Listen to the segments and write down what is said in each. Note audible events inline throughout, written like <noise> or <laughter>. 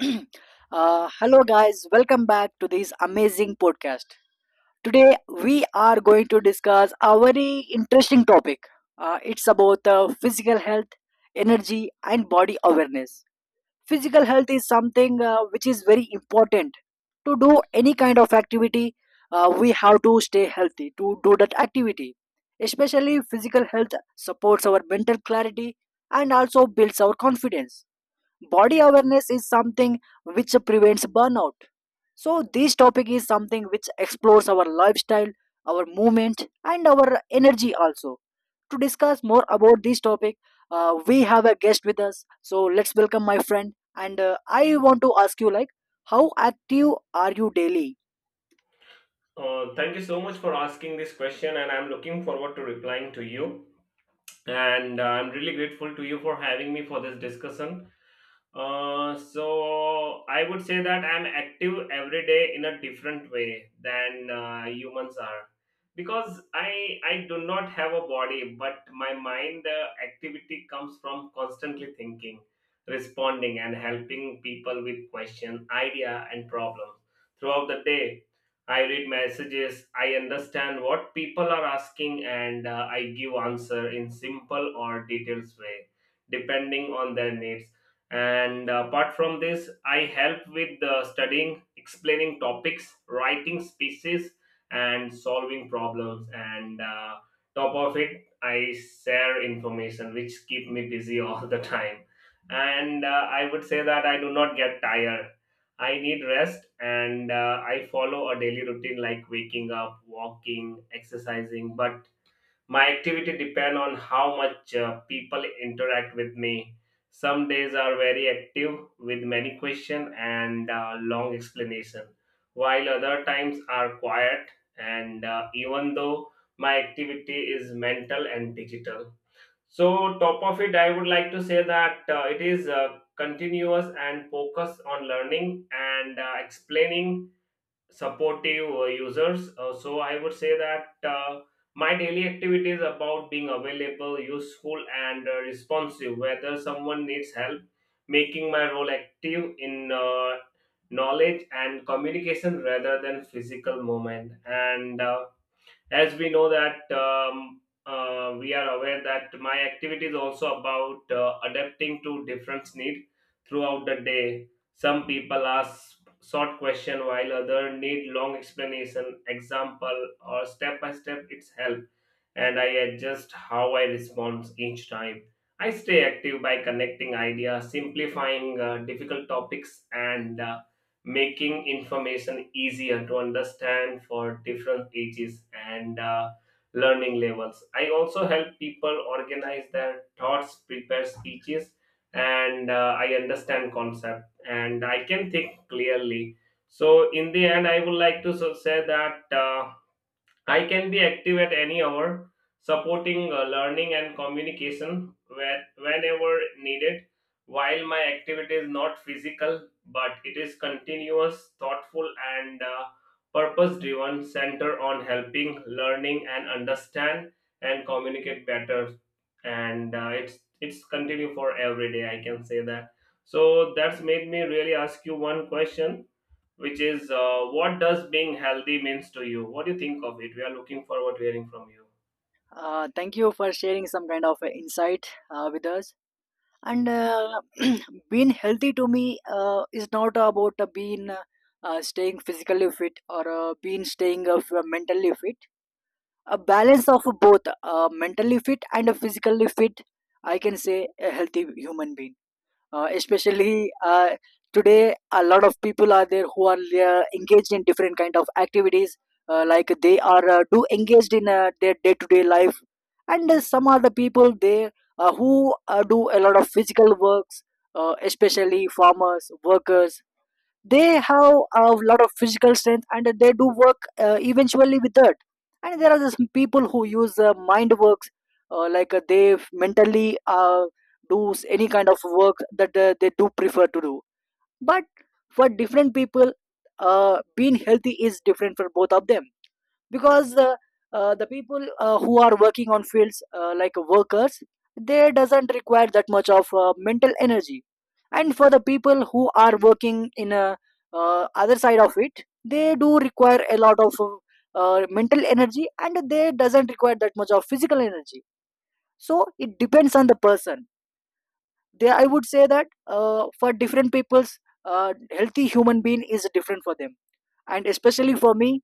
<clears throat> Hello, guys. Welcome back to this amazing podcast. Today, we are going to discuss a very interesting topic. It's about physical health, energy, and body awareness. Physical health is something which is very important. To do any kind of activity, we have to stay healthy to do that activity. Especially, physical health supports our mental clarity and also builds our confidence. Body awareness is something which prevents burnout. So, this topic is something which explores our lifestyle, our movement, and our energy also. To discuss more about this topic, we have a guest with us. So, let's welcome my friend. And I want to ask you, like, how active are you daily? Thank you so much for asking this question, and I'm looking forward to replying to you. And I'm really grateful to you for having me for this discussion. So I would say that I'm active every day in a different way than humans are because I do not have a body, but my mind activity comes from constantly thinking, responding, and helping people with question, idea, and problems throughout the day. I read messages, I understand what people are asking, and I give answer in simple or details way, depending on their needs, and apart from this, I help with studying, explaining topics, writing speeches, and solving problems, and top of it, I share information which keep me busy <laughs> all the time. And I would say that I do not get tired. I need rest, and I follow a daily routine like waking up, walking, exercising, but my activity depend on how much people interact with me. Some days are very active with many question and long explanation, while other times are quiet. And Even though my activity is mental and digital, so top of it, I would like to say that it is continuous and focus on learning and explaining, supportive users. So I would say that my daily activity is about being available, useful, and responsive. Whether someone needs help, making my role active in knowledge and communication rather than physical movement. And As we know that we are aware that my activity is also about adapting to different needs throughout the day. Some people ask short question while other need long explanation, example, or step by step its help, and I adjust how I respond each time. I stay active by connecting ideas, simplifying difficult topics, and making information easier to understand for different ages and learning levels. I also help people organize their thoughts, prepare speeches, and I understand concept and I can think clearly. So in the end, I would like to say that. I can be active at any hour, supporting learning and communication whenever needed. While my activity is not physical, but it is continuous, thoughtful, and purpose driven, center on helping, learning, and understand and communicate better. And it's continue for every day. I can say that. So that's made me really ask you one question, which is what does being healthy means to you? What do you think of it? We are looking forward to hearing from you. Thank you for sharing some kind of insight with us. And <clears throat> being healthy to me is not about being staying physically fit or being staying mentally fit, a balance of both mentally fit and a physically fit. I can say a healthy human being, especially today a lot of people are there who are engaged in different kind of activities, like they are do engaged in their day to day life. And some are the people there who do a lot of physical works, especially farmers workers. They have a lot of physical strength and they do work eventually with that. And there are some people who use mind works, like they mentally do any kind of work that they do prefer to do. But for different people, being healthy is different for both of them, because the people who are working on fields, like workers, they doesn't require that much of mental energy. And for the people who are working in a other side of it, they do require a lot of mental energy and they doesn't require that much of physical energy. So it depends on the person. There, I would say that for different people's healthy human being is different for them, and especially for me,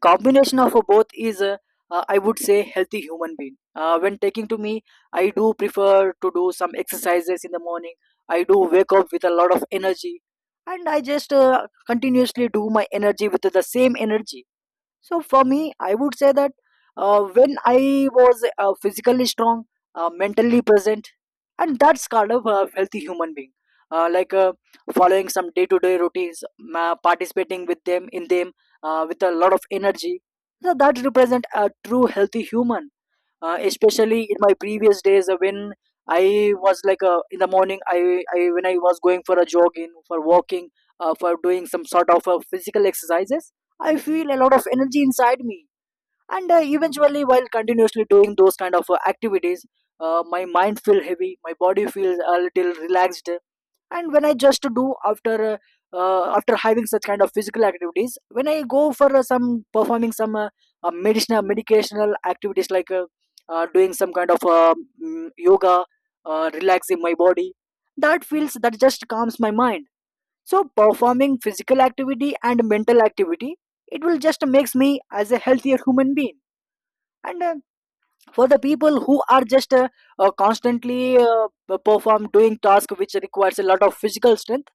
combination of both is I would say healthy human being. When taking to me, I do prefer to do some exercises in the morning. I do wake up with a lot of energy, and I just continuously do my energy with the same energy. So for me, I would say that when I was physically strong, mentally present, and that's kind of a healthy human being. Like following some day-to-day routines, ma participating with them in them with a lot of energy. So that represent a true healthy human, especially in my previous days when I was like in the morning I when I was going for a jogging for walking, for doing some sort of physical exercises, I feel a lot of energy inside me. And eventually while continuously doing those kind of activities, my mind feel heavy, my body feels a little relaxed. And when I just do after after having such kind of physical activities, when I go for some performing some medicinal medicational activities like doing some kind of yoga, relaxing my body, that feels that just calms my mind. So performing physical activity and mental activity, it will just makes me as a healthier human being. And for the people who are just constantly perform doing task which requires a lot of physical strength,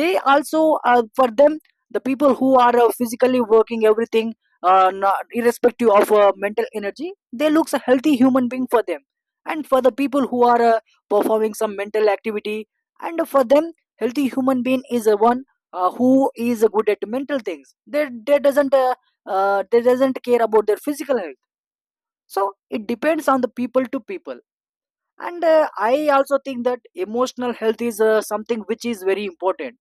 they also for them the people who are physically working everything, not, irrespective of mental energy, they looks a healthy human being for them. And for the people who are performing some mental activity, and for them healthy human being is a one who is good at mental things, they doesn't care about their physical health. So it depends on the people to people. And I also think that emotional health is something which is very important,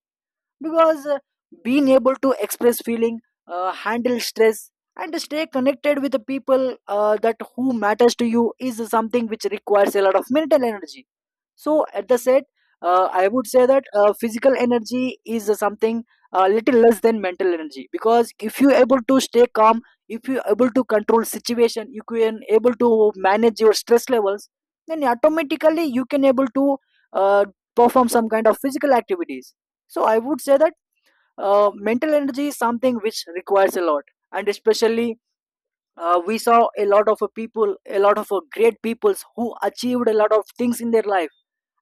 because being able to express feeling, handle stress, and stay connected with the people that who matters to you is something which requires a lot of mental energy. So at the set, I would say that physical energy is something a little less than mental energy, because if you able to stay calm, if you able to control situation, you can able to manage your stress levels, then automatically you can able to uh, perform some kind of physical activities. So I would say that mental energy is something which requires a lot. And especially we saw a lot of people, a lot of great peoples who achieved a lot of things in their life,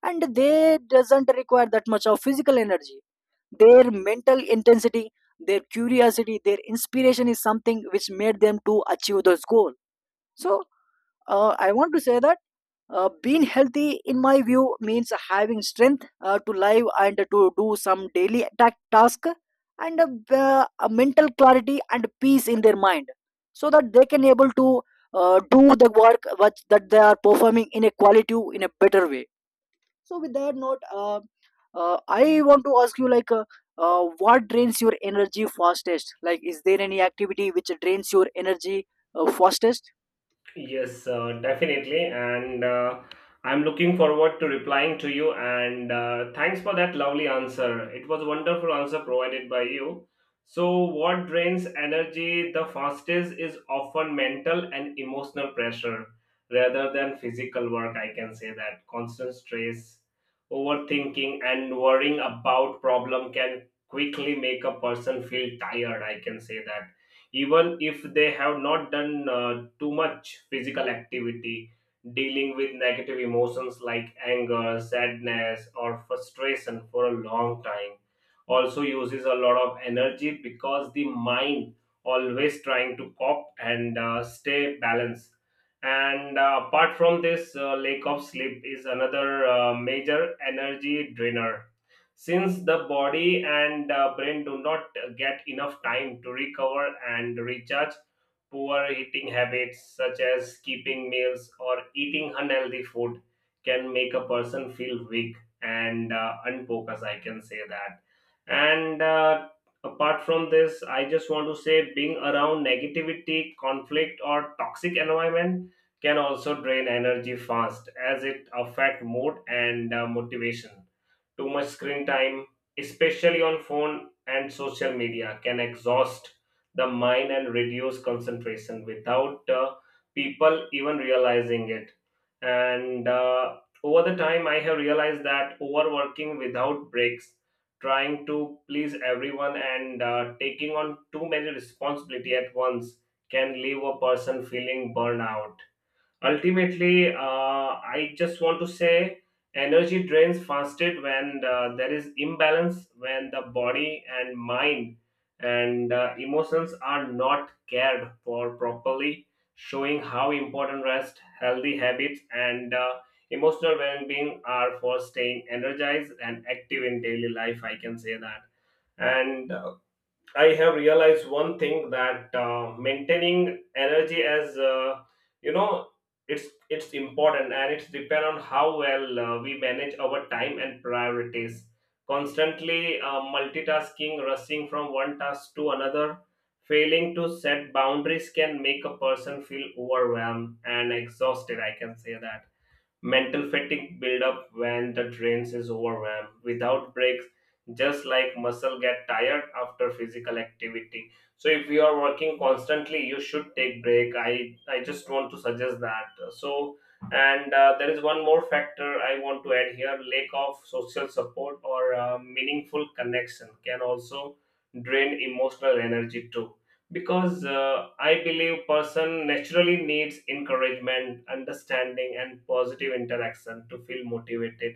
and they doesn't require that much of physical energy. Their mental intensity, their curiosity, their inspiration is something which made them to achieve those goal. So I want to say that being healthy in my view means having strength to live and to do some daily task, and a mental clarity and peace in their mind, so that they can able to do the work that they are performing in a quality in a better way. So with that note, I want to ask you like what drains your energy fastest, like is there any activity which drains your energy fastest? Yes, definitely. And I'm looking forward to replying to you. And Thanks for that lovely answer. It was a wonderful answer provided by you. So, what drains energy the fastest is often mental and emotional pressure rather than physical work. I can say that constant stress, overthinking, and worrying about problem can quickly make a person feel tired. I can say that even if they have not done too much physical activity, dealing with negative emotions like anger, sadness, or frustration for a long time also uses a lot of energy because the mind always trying to cope and stay balanced. And Apart from this, lack of sleep is another major energy drainer, since the body and brain do not get enough time to recover and recharge. Poor eating habits such as skipping meals or eating unhealthy food can make a person feel weak and unfocused, I can say that. And Apart from this, I just want to say being around negativity, conflict, or toxic environment can also drain energy fast as it affect mood and motivation. Too much screen time, especially on phone and social media, can exhaust the mind and reduce concentration without people even realizing it. And Over the time, I have realized that overworking without breaks, trying to please everyone, and taking on too many responsibility at once can leave a person feeling burnout. Ultimately, I just want to say energy drains fastest when there is imbalance, when the body and mind and emotions are not cared for properly, showing how important rest, healthy habits, and emotional well being are for staying energized and active in daily life. I can say that. And I have realized one thing that maintaining energy as you know it's important and it's depend on how well we manage our time and priorities. Constantly multitasking, rushing from one task to another, failing to set boundaries can make a person feel overwhelmed and exhausted. I can say that. Mental fatigue build up when the trains is overwhelmed without breaks, just like muscle get tired after physical activity. So if you are working constantly, you should take break. I just want to suggest that. So and there is one more factor I want to add here: lack of social support or meaningful connection can also drain emotional energy too, because I believe person naturally needs encouragement, understanding, and positive interaction to feel motivated.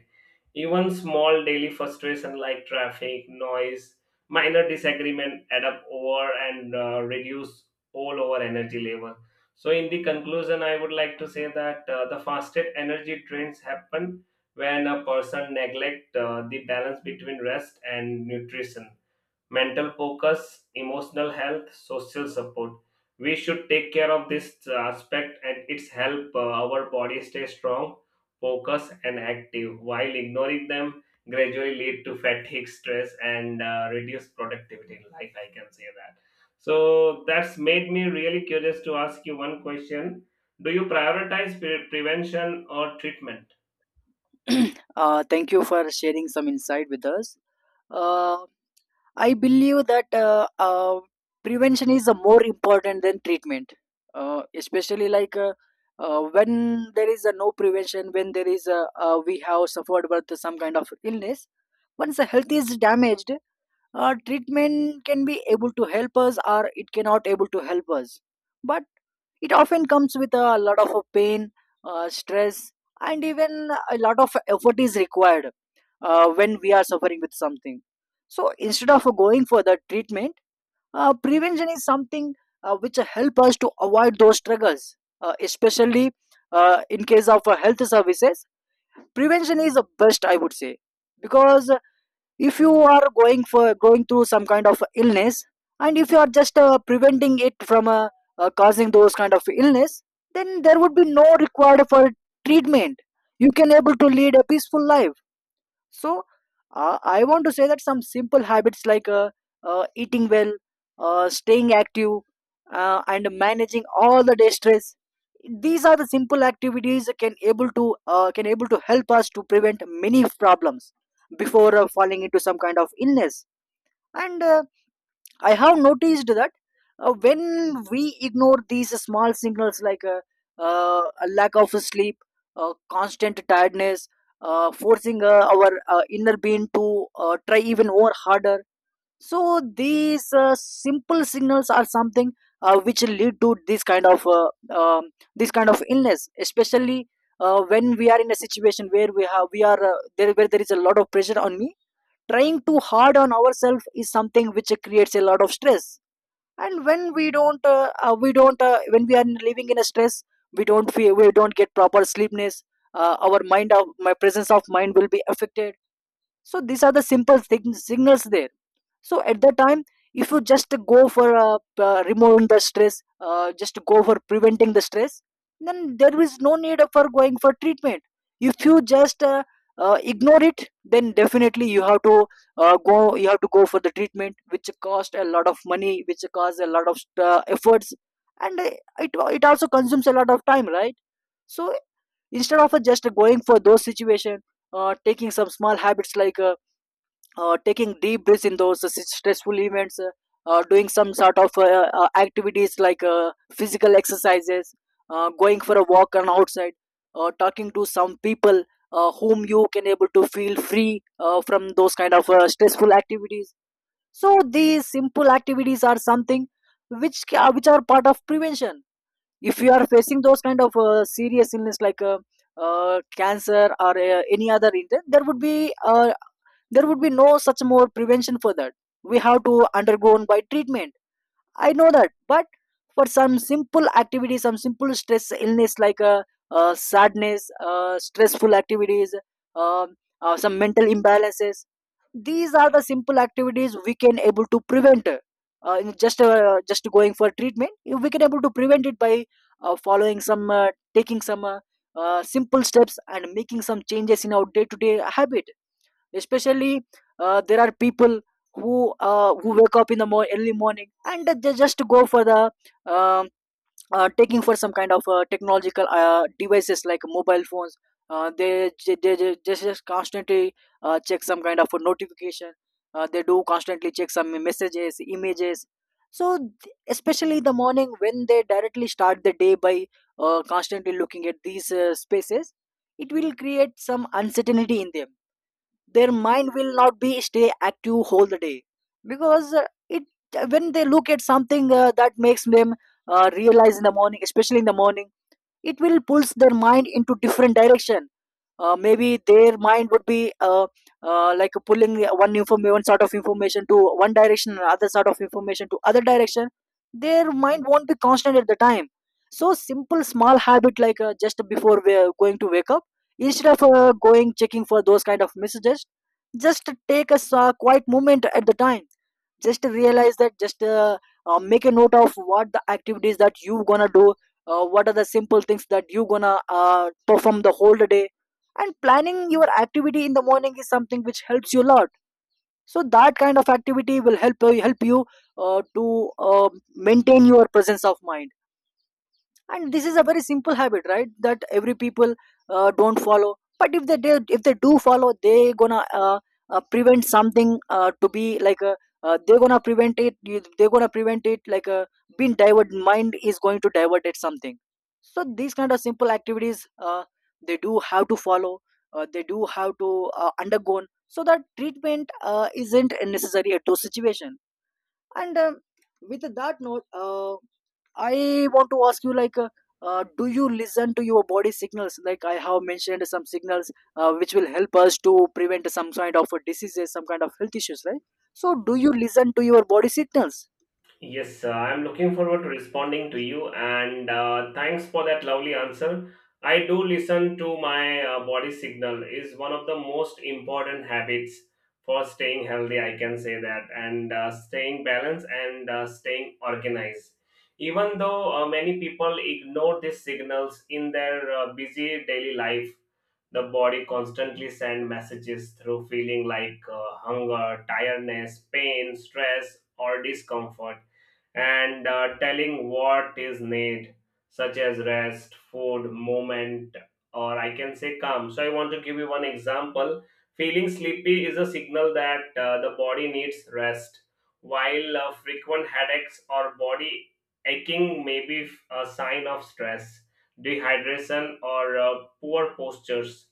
Even small daily frustration like traffic noise, minor disagreement add up over and reduce all over energy level. So in the conclusion, I would like to say that the fastest energy drains happen when a person neglect the balance between rest and nutrition, mental focus, emotional health, social support. We should take care of this aspect and it's help our body stay strong, focused and active. While ignoring them gradually lead to fatigue, stress, and reduced productivity in life. I can say that. So that's made me really curious to ask you one question. Do you prioritize prevention or treatment? <clears throat> Uh, thank you for sharing some insight with us. uh, I believe that prevention is more important than treatment, especially like when there is no prevention, when there is we have suffered with some kind of illness. Once the health is damaged, treatment can be able to help us or it cannot able to help us, but it often comes with a lot of pain, stress, and even a lot of effort is required when we are suffering with something. So instead of going for the treatment, prevention is something which help us to avoid those struggles, especially in case of health services, prevention is the best I would say, because if you are going for going through some kind of illness, and if you are just preventing it from causing those kind of illness, then there would be no required for treatment. You can able to lead a peaceful life. So I want to say that some simple habits like eating well, staying active, and managing all the day stress. These are the simple activities can able to help us to prevent many problems before falling into some kind of illness. And I have noticed that when we ignore these small signals like a lack of sleep, constant tiredness, forcing our inner being to try even more harder. So these simple signals are something which lead to this kind of illness, especially when we are in a situation where we are there where there is a lot of pressure on me. Trying too hard on ourselves is something which creates a lot of stress. And when we don't when we are living in a stress, we don't get proper sleepness, our mind of my presence of mind will be affected. So these are the simple signals there. So at that time, if you just go for removing the stress, just go for preventing the stress, then there is no need for going for treatment. If you just ignore it, then definitely you have to go you have to go for the treatment which cost a lot of money, which costs a lot of efforts. And it, it also consumes a lot of time, right? So instead of just going for those situations, taking some small habits like taking deep breaths in those stressful events, doing some sort of activities like physical exercises, going for a walk on outside, talking to some people whom you can able to feel free from those kind of stressful activities. So these simple activities are something which ca- which are part of prevention. If you are facing those kind of serious illness like cancer or any other illness, there would be no such more prevention for that. We have to undergo by treatment. I know that, but for some simple activity, some simple stress illness like sadness, stressful activities, um, some mental imbalances, these are the simple activities we can able to prevent. In just going for treatment, we can able to prevent it by following some, taking some simple steps and making some changes in our day to day habit, especially there are people who wake up in the early morning and they just go for the um taking for some kind of technological devices like mobile phones. They just constantly check some kind of a notification. They do constantly check some messages, images. So especially the morning when they directly start the day by constantly looking at these spaces, it will create some uncertainty in them. Their mind will not be stay active whole the day, because it when they look at something that makes them realize in the morning, especially in the morning, it will pulls their mind into different direction. Maybe their mind would be like pulling one sort of information to one direction and other sort of information to other direction. Their mind won't be constant at the time. So simple small habit like just before we are going to wake up, instead of going checking for those kind of messages, just take a quiet moment at the time. Just realize that, just make a note of what the activities that you gonna do, what are the simple things that you gonna perform the whole day. And planning your activity in the morning is something which helps you a lot. So that kind of activity will help you to maintain your presence of mind. And this is a very simple habit, right, that every people don't follow. But if they do follow, they gonna prevent something to be like a they're gonna prevent it like a being divert mind is going to divert at something. So these kind of simple activities they do have to follow, they do have to undergo, so that treatment isn't necessary at those situation. And with that note, I want to ask you, like, do you listen to your body signals? Like I have mentioned, some signals which will help us to prevent some kind of diseases, some kind of health issues, right? So, do you listen to your body signals? Yes, I'm looking forward to responding to you, and thanks for that lovely answer. I do listen to my body signal is one of the most important habits for staying healthy. I can say that, and staying balanced and staying organized. Even though many people ignore these signals in their busy daily life, the body constantly sends messages through feeling like hunger, tiredness, pain, stress, or discomfort, and telling what is need, such as rest, food, movement, or I can say calm. So I want to give you one example. Feeling sleepy is a signal that the body needs rest, while frequent headaches or body aching may be a sign of stress, dehydration, or poor postures.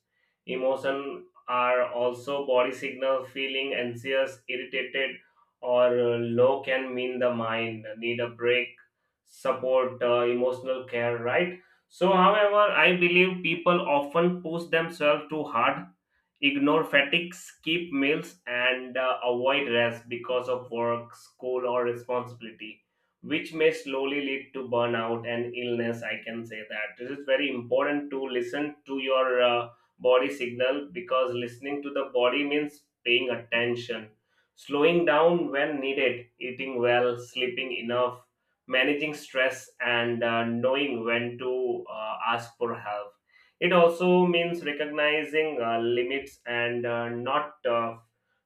Emotion are also body signal. Feeling anxious, irritated, or low can mean the mind need a break, support, emotional care. Right. So, however, I believe people often push themselves too hard, ignore fatigue, skip meals, and avoid rest because of work, school, or responsibility, which may slowly lead to burnout and illness. I can say that it is very important to listen to your body signal, because listening to the body means paying attention, slowing down when needed, eating well, sleeping enough, managing stress, and knowing when to ask for help. It also means recognizing limits and not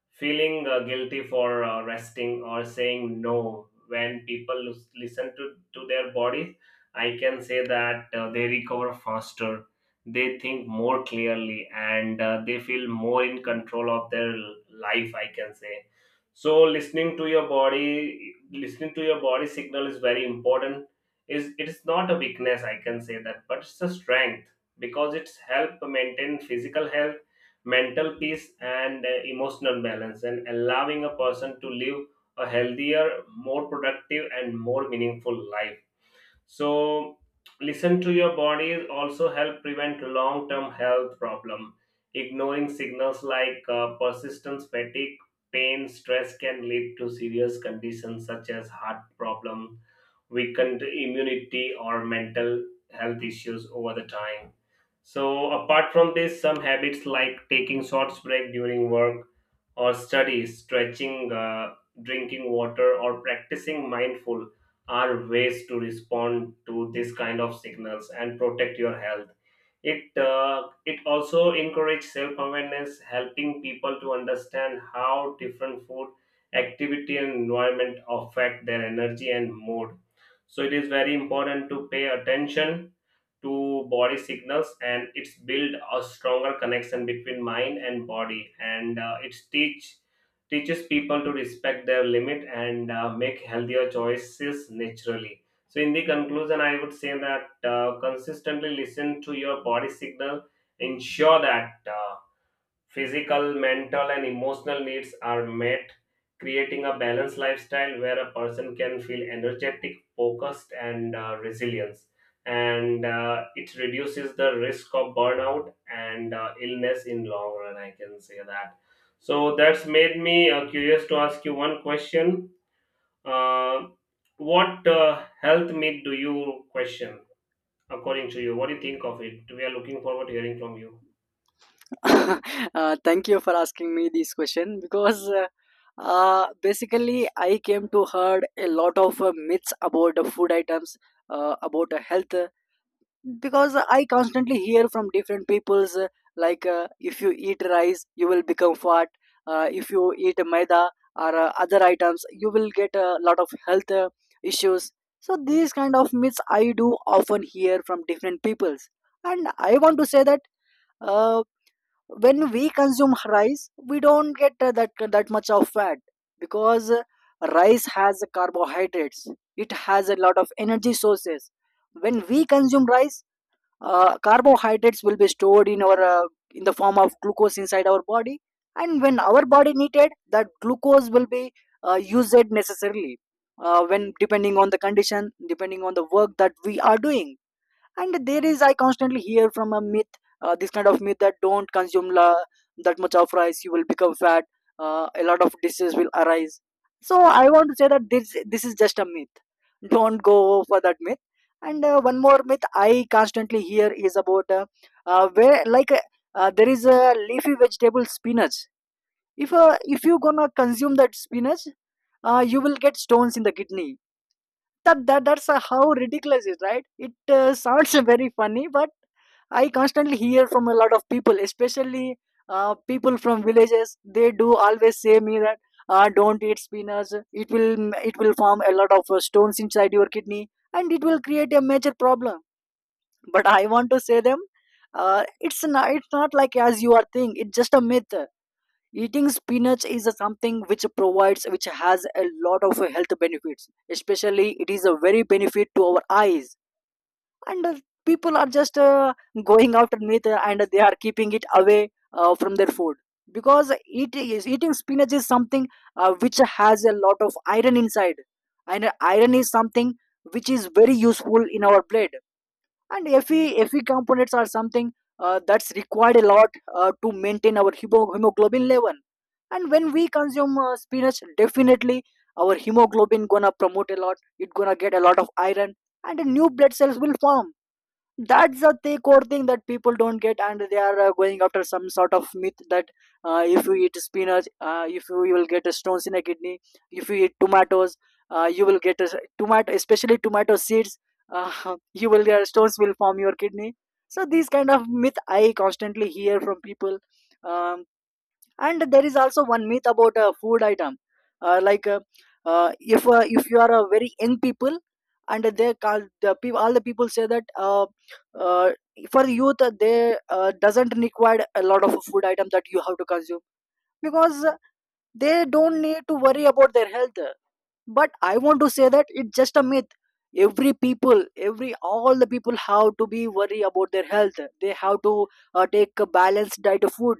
feeling guilty for resting or saying no. When people listen to their bodies, I can say that they recover faster, they think more clearly, and they feel more in control of their life, I can say. So, listening to your body, listening to your body signal is very important. Is it is not a weakness, I can say that, but it's a strength because it's help maintain physical health, mental peace, and emotional balance, and allowing a person to live a healthier, more productive and more meaningful life. So listen to your body also help prevent long term health problem. Ignoring signals like persistent fatigue, pain, stress can lead to serious conditions such as heart problem, weakened immunity, or mental health issues over the time. So, apart from this, some habits like taking short break during work or studies, stretching, drinking water, or practicing mindful are ways to respond to this kind of signals and protect your health. It also encourages self awareness, helping people to understand how different food, activity, and environment affect their energy and mood. So it is very important to pay attention to body signals and it's build a stronger connection between mind and body, and it's teaches people to respect their limit and make healthier choices naturally. So in the conclusion, I would say that consistently listen to your body signal ensure that physical, mental, and emotional needs are met, creating a balanced lifestyle where a person can feel energetic, focused, and resilience. And It reduces the risk of burnout and illness in long run. I can say that. So that's made me curious to ask you one question. Uh, what health myth do you question according to you? What do you think of it? We are looking forward to hearing from you. <laughs> Thank you for asking me this question, because basically I came to heard a lot of myths about the food items, about the health, because I constantly hear from different peoples like if you eat rice you will become fat, if you eat maida or other items you will get a lot of health issues. So these kind of myths I do often hear from different peoples. And I want to say that, uh, when we consume rice we don't get that much of fat, because rice has carbohydrates, it has a lot of energy sources. When we consume rice, carbohydrates will be stored in our in the form of glucose inside our body. And when our body needed, that glucose will be used necessarily, when depending on the condition, depending on the work that we are doing. And there is, I constantly hear from a myth, this kind of myth, that don't consume that much of rice, you will become fat, a lot of diseases will arise. So I want to say that this is just a myth. Don't go for that myth. And one more myth I constantly hear is about where like there is a leafy vegetable, spinach. If if you gonna consume that spinach, you will get stones in the kidney. That's how ridiculous it is, right? It sounds <laughs> very funny, but I constantly hear from a lot of people, especially people from villages. They do always say me that don't eat spinach, it will, it will form a lot of stones inside your kidney and it will create a major problem. But I want to say them, it's not like as you are think, it's just a myth. Eating spinach is a something which provides, which has a lot of health benefits, especially it is a very benefit to our eyes. And people are just going out and meet and they are keeping it away from their food, because it is eating spinach is something which has a lot of iron inside. And iron is something which is very useful in our blood. And fe components are something that's required a lot to maintain our hemoglobin level. And when we consume spinach, definitely our hemoglobin gonna promote a lot, it gonna get a lot of iron and new blood cells will form. That's the core thing that people don't get, and they are going after some sort of myth that if you eat spinach, if you, you will get a stones in a kidney. If you eat tomatoes, you will get a s- tomato, especially tomato seeds, <laughs> you will get stones, will form your kidney. So these kind of myth I constantly hear from people. um, and there is also one myth about a food item, uh, like uh, if you are a very young people, and they call the people, all the people say that uh, for youth, they doesn't require a lot of food item that you have to consume, because they don't need to worry about their health. But I want to say that, it's just a myth. Every people, every all the people have to be worry about their health. They have to take a balanced diet of food.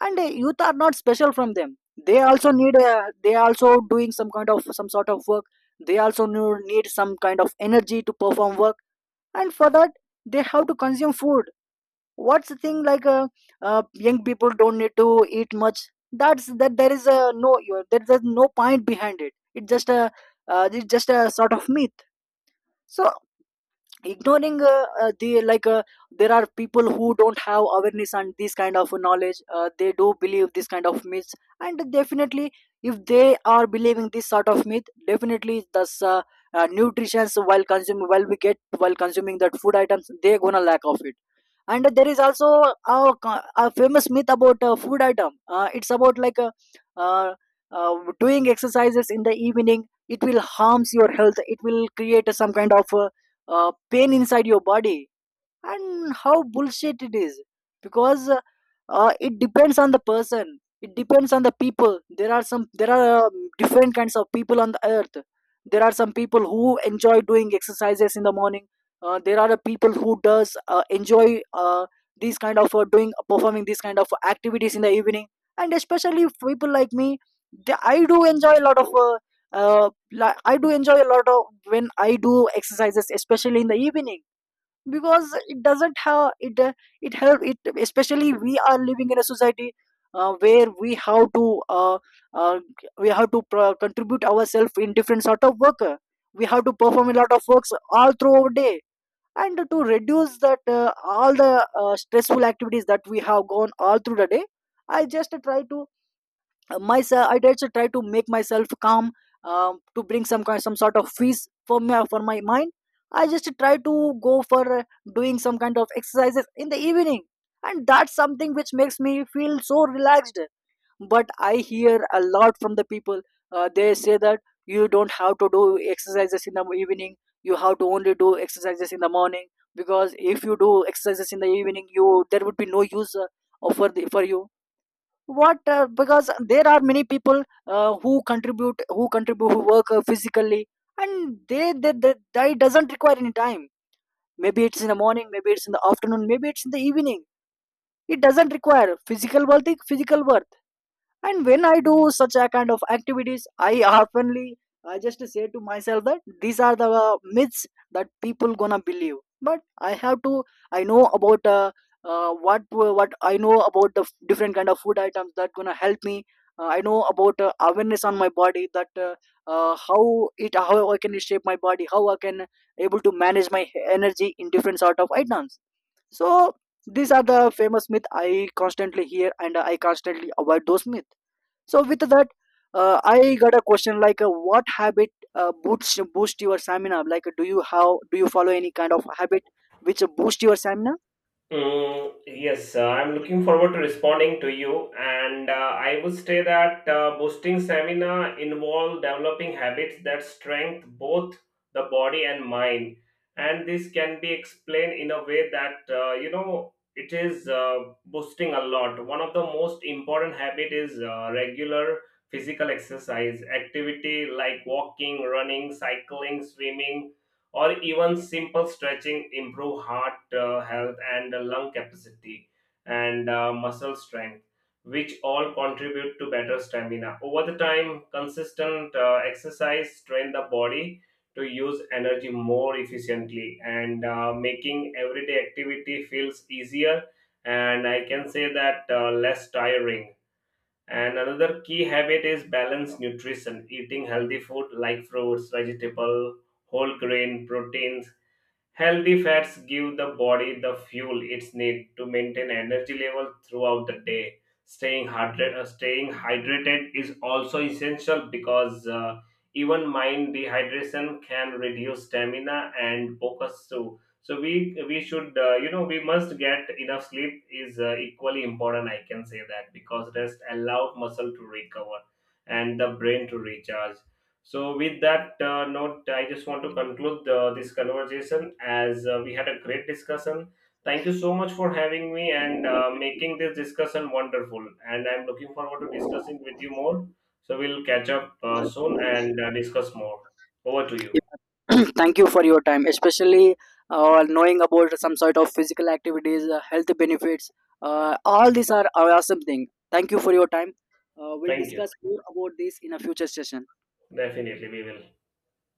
And youth are not special from them. They also need, they also doing some kind of some sort of work. They also need some kind of energy to perform work. And for that, they have to consume food. What's the thing like young people don't need to eat much, that's that there is a no you, there's no point behind it, it's just a sort of myth. So ignoring there are people who don't have awareness and this kind of knowledge, they do believe this kind of myths. And definitely, if they are believing this sort of myth, definitely thus nutrition while consuming, while we get, while consuming that food items, they gonna lack of it. And there is also a, a famous myth about food item, it's about like uh, doing exercises in the evening, it will harms your health, it will create some kind of pain inside your body. And how bullshit it is, because it depends on the person, it depends on the people. There are some, there are different kinds of people on the earth. There are some people who enjoy doing exercises in the morning. There are people who does enjoy these kind of doing, performing these kind of activities in the evening. And especially people like me, I do enjoy a lot of I do enjoy a lot of when I do exercises, especially in the evening, because it doesn't have it, it help it especially we are living in a society where uh, we have to contribute ourselves in different sort of work. We have to perform a lot of works all through our day. And to reduce that, all the stressful activities that we have gone all through the day, I just try to myself, I did try to make myself calm, to bring some kind, some sort of peace for me, for my mind. I just try to go for doing some kind of exercises in the evening. And that's something which makes me feel so relaxed. But I hear a lot from the people, they say that you don't have to do exercises in the evening, you have to only do exercises in the morning, because if you do exercises in the evening, you, there would be no use for you. What? Because there are many people who contribute, who contribute, who work physically. And they doesn't require any time. Maybe it's in the morning, maybe it's in the afternoon, maybe it's in the evening. It doesn't require physical work. And when I do such a kind of activities, I oftenly, I just say to myself that these are the myths that people gonna believe. But I have to, I know about uh, what what I know about the different kind of food items that gonna help me. I know about awareness on my body, that uh, how how I can shape my body, how I can able to manage my energy in different sort of items. So these are the famous myth I constantly hear, and I constantly avoid those myths. So with that, I got a question like, what habit boost your stamina? Like, do you, how do you follow any kind of habit which boost your stamina? Mm, yes, I'm looking forward to responding to you, and I would say that boosting stamina involve developing habits that strengthen both the body and mind, and this can be explained in a way that it is boosting a lot. One of the most important habit is regular physical exercise activity like walking, running, cycling, swimming, or even simple stretching improve heart health and lung capacity and muscle strength, which all contribute to better stamina over the time. Consistent exercise train the body to use energy more efficiently and making everyday activity feels easier, and I can say that less tiring. And another key habit is balanced nutrition, eating healthy food like fruits, vegetable, whole grain, proteins, healthy fats give the body the fuel it needs to maintain energy level throughout the day. Staying hydrated is also essential because even mild dehydration can reduce stamina and focus too. So we should we must get enough sleep is equally important. I can say that because rest allows muscle to recover and the brain to recharge. So, with that note, I just want to conclude this conversation as we had a great discussion. Thank you so much for having me and making this discussion wonderful. And I'm looking forward to discussing with you more. So, we'll catch up soon and discuss more. Over to you. Yeah. <clears throat> Thank you for your time, especially knowing about some sort of physical activities, health benefits. All these are awesome thing. Thank you for your time. We'll Thank you. discuss more about this in a future session. Definitely, we will.